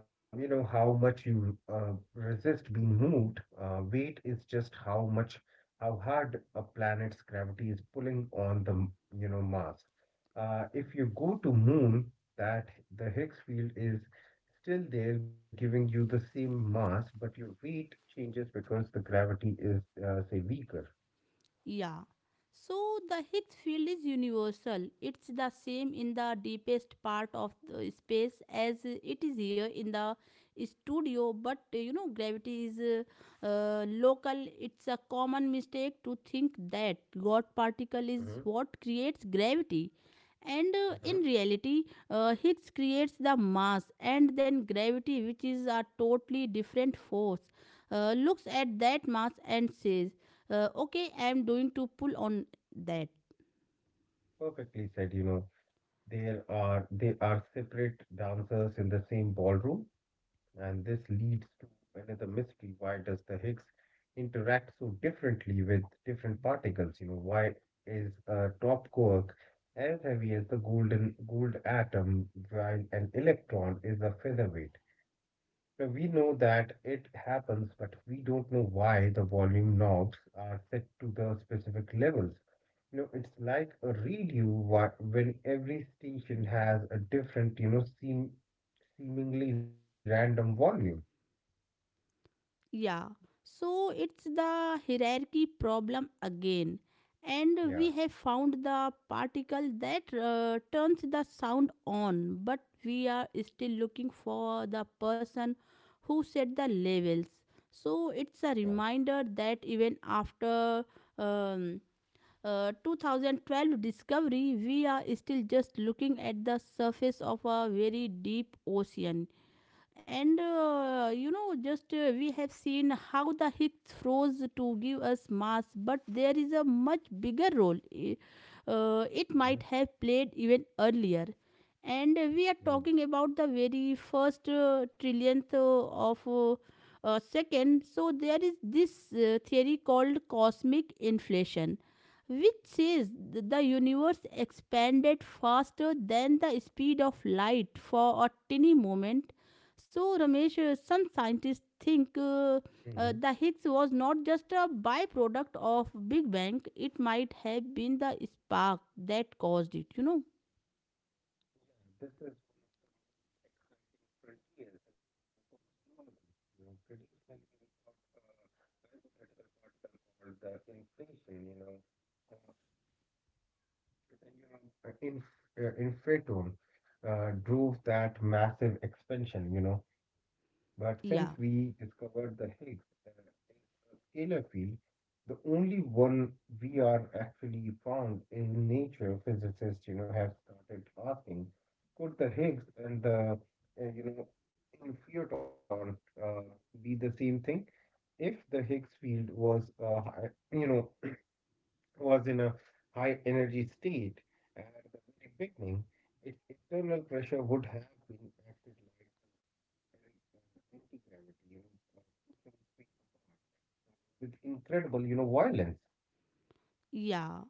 [SPEAKER 2] You know, how much you resist being moved. Weight is just how much, how hard a planet's gravity is pulling on the, you know, mass. If you go to moon, that the Higgs field is still there, giving you the same mass, but your weight changes because the gravity is, say, weaker.
[SPEAKER 1] Yeah. So the Higgs field is universal. It's the same in the deepest part of the space as it is here in the studio, but you know, gravity is local. It's a common mistake to think that God particle
[SPEAKER 2] Hmm.
[SPEAKER 1] is what creates gravity. And
[SPEAKER 2] Hmm.
[SPEAKER 1] In reality, Higgs creates the mass and then gravity, which is a totally different force, looks at that mass and says, okay, I am going to pull on that.
[SPEAKER 2] Perfectly said, you know. There are they are separate dancers in the same ballroom, and this leads to another mystery. Why does the Higgs interact so differently with different particles? You know, why is a top quark as heavy as the golden gold atom while an electron is a featherweight? Now, we know that it happens, but we don't know why the volume knobs are set to the specific levels. You know, it's like a review when every station has a different, you know, seemingly random volume.
[SPEAKER 1] Yeah, so it's the hierarchy problem again, and
[SPEAKER 2] Yeah,
[SPEAKER 1] we have found the particle that turns the sound on, but we are still looking for the person who set the levels. So
[SPEAKER 2] yeah.
[SPEAKER 1] it's a reminder that even after um, 2012 discovery we are still just looking at the surface of a very deep ocean. And you know, just We have seen how the Higgs froze to give us mass, but there is a much bigger role it
[SPEAKER 2] Mm-hmm.
[SPEAKER 1] might have played even earlier. And we are talking about the very first trillionth of a second. So there is this theory called cosmic inflation, which says the universe expanded faster than the speed of light for a tiny moment. So, Ramesh, some scientists think
[SPEAKER 2] Mm-hmm.
[SPEAKER 1] the Higgs was not just a byproduct of Big Bang; it might have been the spark that caused it, you know?
[SPEAKER 2] Yeah, this is one of the most exciting frontiers in cosmology. You know, traditionally we got a hypothetical particle called the inflation, you know, uh, then you know, inf inflaton drove that massive expansion, you know. But since we
[SPEAKER 1] Yeah,
[SPEAKER 2] discovered the Higgs is a scalar field, the only one we are actually found in nature, physicists, you know, have started asking, could the Higgs and the, you know, infiniton uh, be the same thing? If the Higgs field was, you know, was in a high energy state at the very beginning, its internal pressure would have been acted like the anti gravity, you know, pushing space apart with incredible, you know, violence.
[SPEAKER 1] yeah.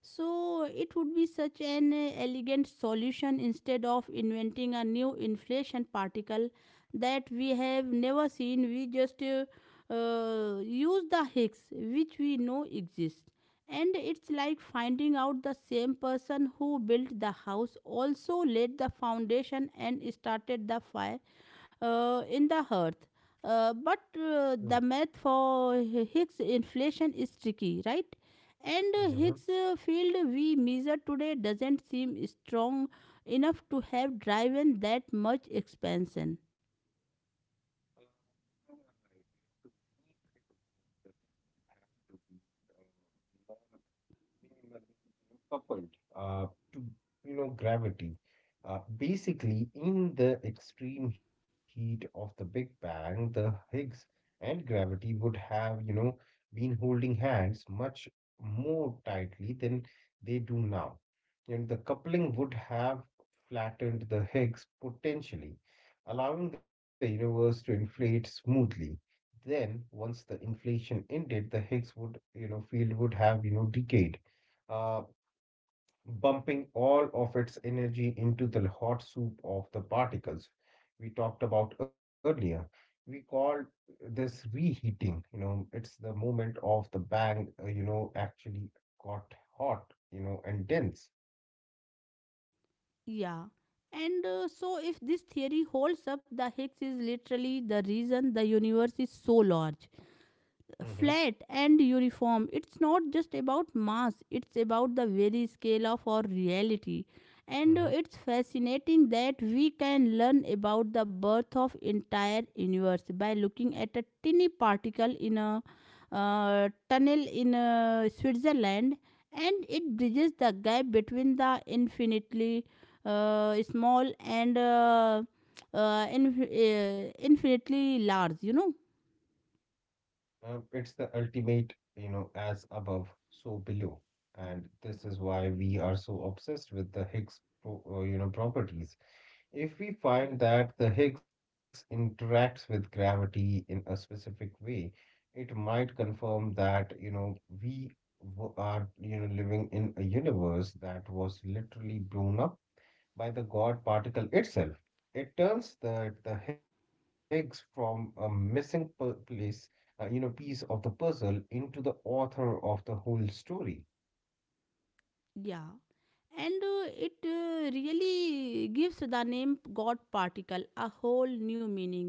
[SPEAKER 1] So it would be such an elegant solution instead of inventing a new inflation particle that we have never seen. We just use the Higgs, which we know exists. And it's like finding out the same person who built the house also laid the foundation and started the fire in the earth. Uh, but
[SPEAKER 2] Mm.
[SPEAKER 1] uh, the math for Higgs inflation is tricky, right? And
[SPEAKER 2] Mm-hmm.
[SPEAKER 1] Higgs field we measure today doesn't seem strong enough to have driven that much expansion.
[SPEAKER 2] You are right, you know, to make it work, there would have to be minimally you know, coupled uh, to you know gravity. Basically, in the extreme heat of the Big Bang, the Higgs and gravity would have you know been holding hands much more tightly than they do now. And the coupling would have flattened the Higgs potentially, allowing the universe to inflate smoothly, then once the inflation ended the higgs would you know field would have you know decayed, uh, bumping all of its energy into the hot soup of the particles we talked about earlier. We call this reheating. You know, it's the moment of the bang, you know, actually got hot, you know, and dense.
[SPEAKER 1] Yeah. And So, if this theory holds up, the Higgs is literally the reason the universe is so large,
[SPEAKER 2] Mm-hmm.
[SPEAKER 1] flat and uniform. It's not just about mass, it's about the very scale of our reality. And It's fascinating that we can learn about the birth of entire universe by looking at a tiny particle in a tunnel in Switzerland, and it bridges the gap between the infinitely small and infinitely large, you know.
[SPEAKER 2] It's the ultimate, you know, as above, so below. And this is why we are so obsessed with the Higgs, you know, properties. If we find that the Higgs interacts with gravity in a specific way, it might confirm that, you know, we are, you know, living in a universe that was literally blown up by the God particle itself. It turns the Higgs from a you know, piece of the puzzle into the author of the whole story.
[SPEAKER 1] Yeah. and it really gives the name god particle a whole new meaning.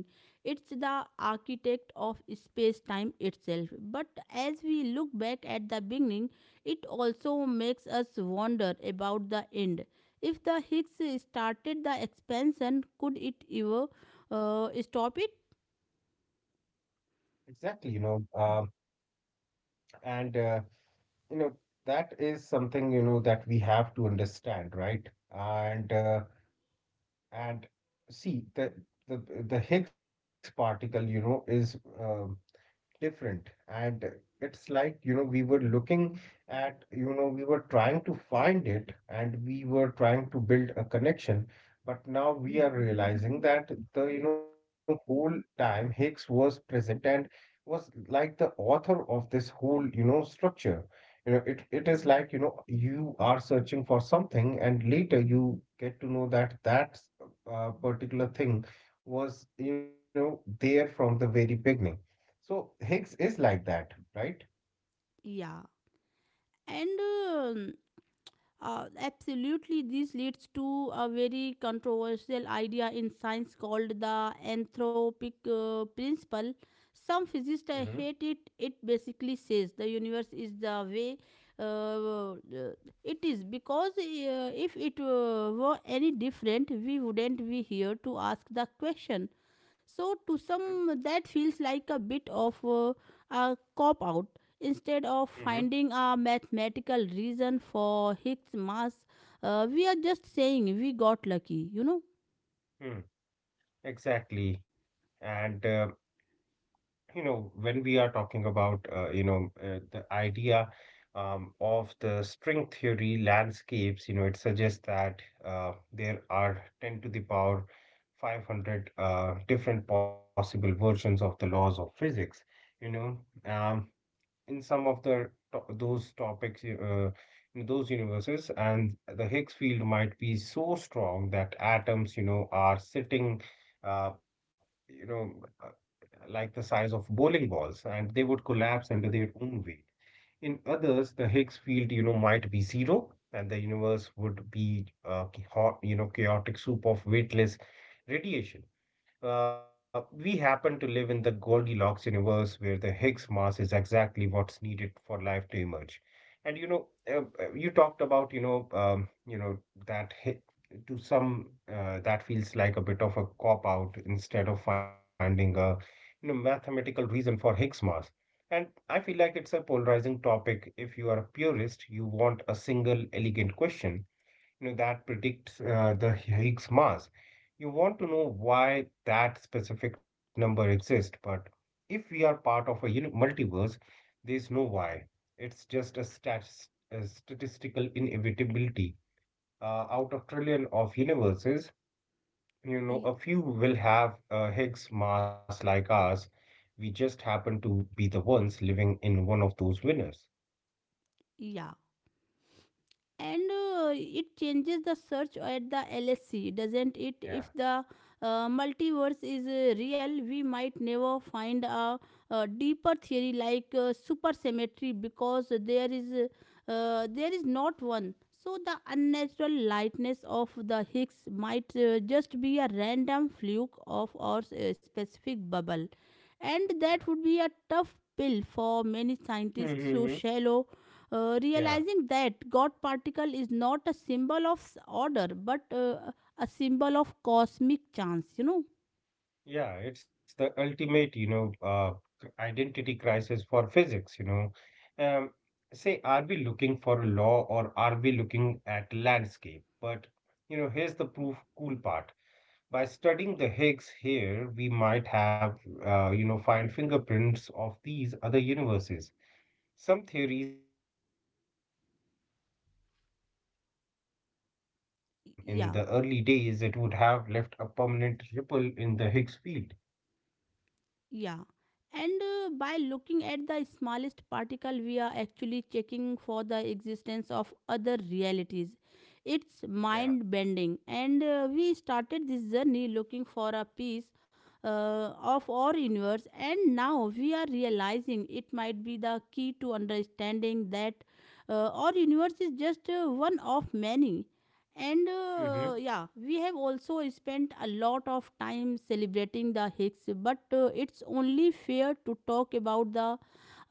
[SPEAKER 1] It's the architect of space time itself, but as we look back at the beginning, it also makes us wonder about the end. If the higgs started the expansion, could it ever stop it?
[SPEAKER 2] Exactly, you know, and you know that is something you know that we have to understand, right? And uh, and see the the Higgs particle, you know, is different, and it's like you know we were looking at you know we were trying to find it and we were trying to build a connection, but now we are realizing that the you know whole time Higgs was present and was like the author of this whole you know structure. You know, it is like you know you are searching for something and later you get to know that that particular thing was you know there from the very beginning. So Higgs is like that, right?
[SPEAKER 1] Yeah and Absolutely, this leads to a very controversial idea in science called the anthropic principle. Some
[SPEAKER 2] Mm-hmm.
[SPEAKER 1] physicists hate it. It basically says the universe is the way uh, uh, it is, because if it were any different, we wouldn't be here to ask the question. So, to some, that feels like a bit of a cop out. Instead of
[SPEAKER 2] Mm-hmm.
[SPEAKER 1] finding a mathematical reason for Higgs mass, we are just saying we got lucky, you know?
[SPEAKER 2] Mm-hmm. Exactly. And, you know, when we are talking about, you know, the idea of the string theory landscapes, you know, it suggests that there are 10 to the power 500 different possible versions of the laws of physics. You know, um, in some of those topics in those universes and the Higgs field might be so strong that atoms you know are sitting uh, you know uh, like the size of bowling balls and they would collapse under their own weight. In others the Higgs field you know might be zero and the universe would be a you know chaotic soup of weightless radiation. We happen to live in the Goldilocks universe where the Higgs mass is exactly what's needed for life to emerge. And you know, you talked about you know, that hi- to some that feels like a bit of a cop out instead of finding a you know mathematical reason for Higgs mass. And I feel like it's a polarizing topic. If you are a purist, you want a single elegant question you know, that predicts the Higgs mass. You want to know why that specific number exists, but if we are part of multiverse, there is no why. It's just a statistical inevitability. Out of trillion of universes, you know,
[SPEAKER 1] Y-
[SPEAKER 2] a few will have a Higgs mass like ours. We just happen to be the ones living in one of those winners.
[SPEAKER 1] Yeah. and it changes the search at the LSC, doesn't it? If
[SPEAKER 2] Yeah.
[SPEAKER 1] the multiverse is real, we might never find a deeper theory like supersymmetry, because there is not one. So the unnatural lightness of the higgs might just be a random fluke of our specific bubble, and that would be a tough pill for many
[SPEAKER 2] Yeah.
[SPEAKER 1] scientists. So
[SPEAKER 2] Mm-hmm.
[SPEAKER 1] shallow,
[SPEAKER 2] Yeah.
[SPEAKER 1] realizing that God particle is not a symbol of order but a symbol of cosmic chance, you know.
[SPEAKER 2] Yeah, it's the ultimate, you know, identity crisis for physics, you know. Um, Say, are we looking for a law or are we looking at landscape? But, you know, here's the proof cool part. By studying the Higgs here, we might have, you know, find fingerprints of these other universes. Some theories suggest that if our bubble collided with another one in the early days, it
[SPEAKER 1] Yeah.
[SPEAKER 2] would have left a permanent ripple in the Higgs field.
[SPEAKER 1] Yeah, and by looking at the smallest particle, we are actually checking for the existence of other realities. It's
[SPEAKER 2] Yeah.
[SPEAKER 1] mind bending, and we started this journey looking for a piece uh, of our universe, and now we are realizing it might be the key to understanding that our universe is just one of many. And Yeah, we have also spent a lot of time celebrating the hicks, but it's only fair to talk about the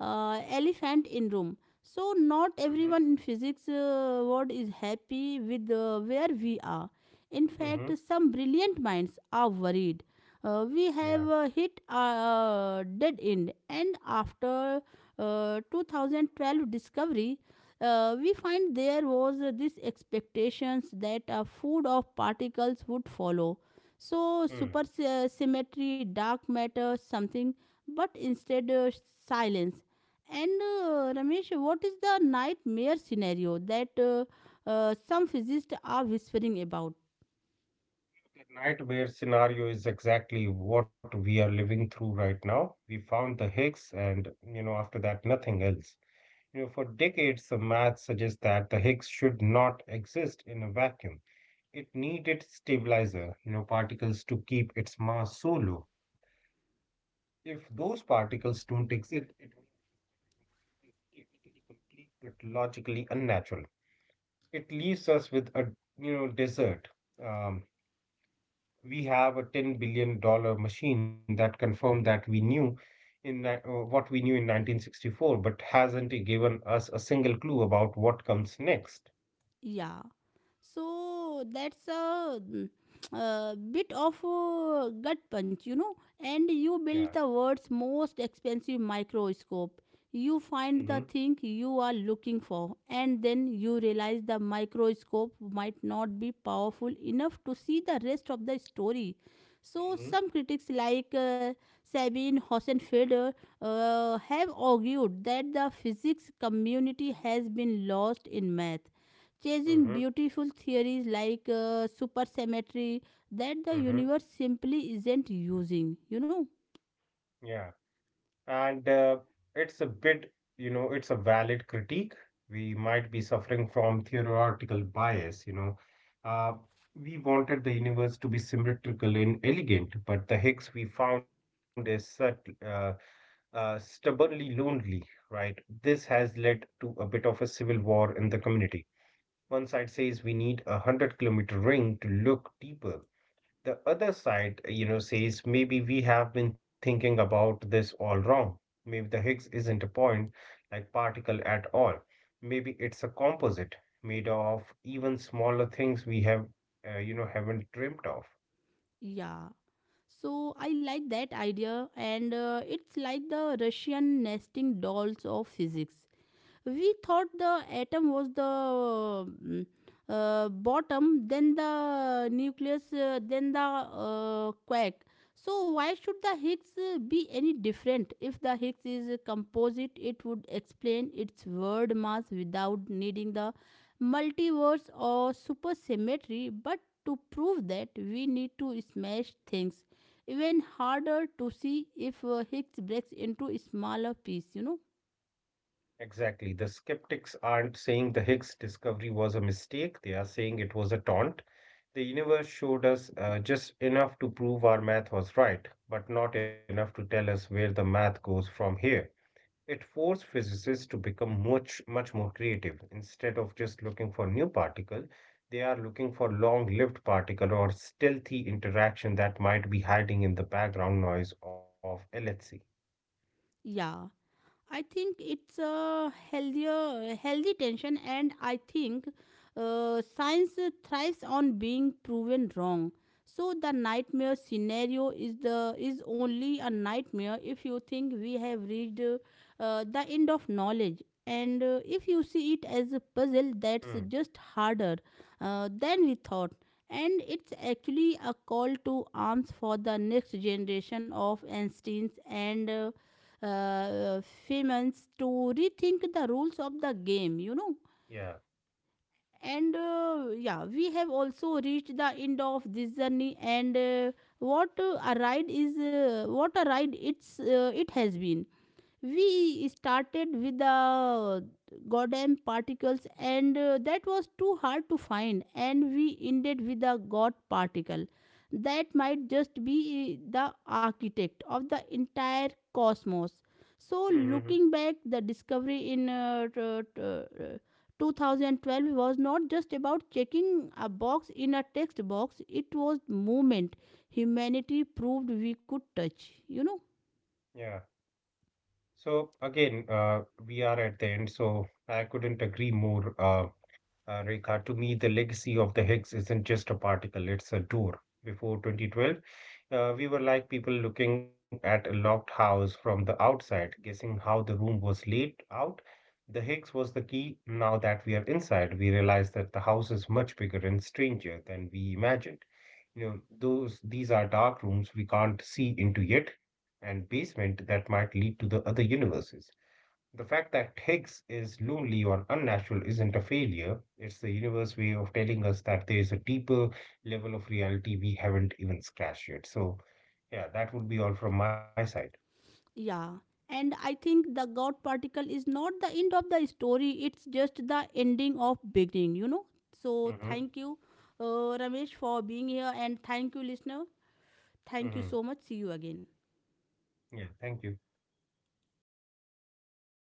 [SPEAKER 1] elephant in room. So not
[SPEAKER 2] Mhm,
[SPEAKER 1] everyone in physics world is happy with where we are. In fact,
[SPEAKER 2] mhm.
[SPEAKER 1] some brilliant minds are worried we have
[SPEAKER 2] Yeah.
[SPEAKER 1] hit a dead end, and after 2012 discovery we find there was this expectations that a food of particles would follow. So
[SPEAKER 2] Mm.
[SPEAKER 1] supersymmetry, dark matter, something, but instead silence. And Ramesh, what is the nightmare scenario that some physicists are whispering about?
[SPEAKER 2] The nightmare scenario is exactly what we are living through right now. We found the Higgs, and you know, after that, nothing else. You know, for decades, the math suggests that the Higgs should not exist in a vacuum. It needed stabilizer, you know, particles to keep its mass so low. If those particles don't exist, it means the experiment technically complete but logically unnatural. It leaves us with a you know desert. Um. We have a $10 billion machine that confirmed that we knew what we knew in 1964, but hasn't given us a single clue about what comes next.
[SPEAKER 1] Yeah, so that's a, a bit of a gut punch, you know. And you
[SPEAKER 2] Yeah.
[SPEAKER 1] build the world's most expensive microscope, you find
[SPEAKER 2] Mhm.
[SPEAKER 1] the thing you are looking for, and then you realize the microscope might not be powerful enough to see the rest of the story. So
[SPEAKER 2] Mhm.
[SPEAKER 1] some critics like Sabine Hosenfeder have argued that the physics community has been lost in math, chasing
[SPEAKER 2] Mhm.
[SPEAKER 1] beautiful theories like supersymmetry that the
[SPEAKER 2] Mhm.
[SPEAKER 1] universe simply isn't using, you know?
[SPEAKER 2] Yeah, and it's a bit you know it's a valid critique. We might be suffering from theoretical bias, you know. uh, we wanted the universe to be symmetrical and elegant, but the higgs we found is such uh, stubbornly lonely, right? This has led to a bit of a civil war in the community. One side says we need a 100 kilometer ring to look deeper. The other side, you know, says maybe we have been thinking about this all wrong. Maybe the Higgs isn't a point like particle at all. Maybe it's a composite made of even smaller things we have, you know, haven't dreamt of.
[SPEAKER 1] Yeah. So I like that idea, and it's like the Russian nesting dolls of physics. We thought the atom was the bottom, then the nucleus, then the quark. So, why should the Higgs be any different? If the Higgs is a composite, it would explain its word mass without needing the multiverse or supersymmetry. But to prove that, we need to smash things even harder to see if Higgs breaks into smaller pieces, you know?
[SPEAKER 2] Exactly. The skeptics aren't saying the Higgs discovery was a mistake. They are saying it was a taunt. The universe showed us just enough to prove our math was right, but not enough to tell us where the math goes from here. It forced physicists to become much, much more creative. Instead of just looking for new particle, they are looking for long-lived particle or stealthy interaction that might be hiding in the background noise of LHC.
[SPEAKER 1] Yeah. I think it's a healthy tension, and I think science thrives on being proven wrong. So the nightmare scenario is only a nightmare if you think we have reached the end of knowledge, and if you see it as a puzzle that's
[SPEAKER 2] Hmm.
[SPEAKER 1] just harder than we thought. And it's actually a call to arms for the next generation of Einsteins and uh, famous to rethink the rules of the game, you know.
[SPEAKER 2] Yeah.
[SPEAKER 1] And Yeah, we have also reached the end of this journey. And what a ride is, What a ride it has been. We started with the goddamn particles, and that was too hard to find, and we ended with the god particle that might just be the architect of the entire cosmos. So
[SPEAKER 2] Mm-hmm.
[SPEAKER 1] looking back, the discovery in uh, 2012 was not just about checking a box in a text box, it was movement. Humanity proved we could touch, you know.
[SPEAKER 2] Yeah. So again, we are at the end, so I couldn't agree more. Rekha, to me, the legacy of the Higgs isn't just a particle, it's a door. Before 2012, we were like people looking at a locked house from the outside, guessing how the room was laid out. The Higgs was the key. Now that we are inside, we realize that the house is much bigger and stranger than we imagined. You know, those these are dark rooms we can't see into yet, and basement that might lead to the other universes. The fact that Higgs is lonely or unnatural isn't a failure. It's the universe way of telling us that there is a deeper level of reality we haven't even scratched yet. So, yeah, that would be all from my side.
[SPEAKER 1] Yeah, and I think the God particle is not the end of the story, it's just the ending of beginning, you know. So
[SPEAKER 2] Hmm.
[SPEAKER 1] thank you, Ramesh, for being here, and thank you, listener. Thank you
[SPEAKER 2] Hmm.
[SPEAKER 1] so much. See you again.
[SPEAKER 2] Yeah, thank you.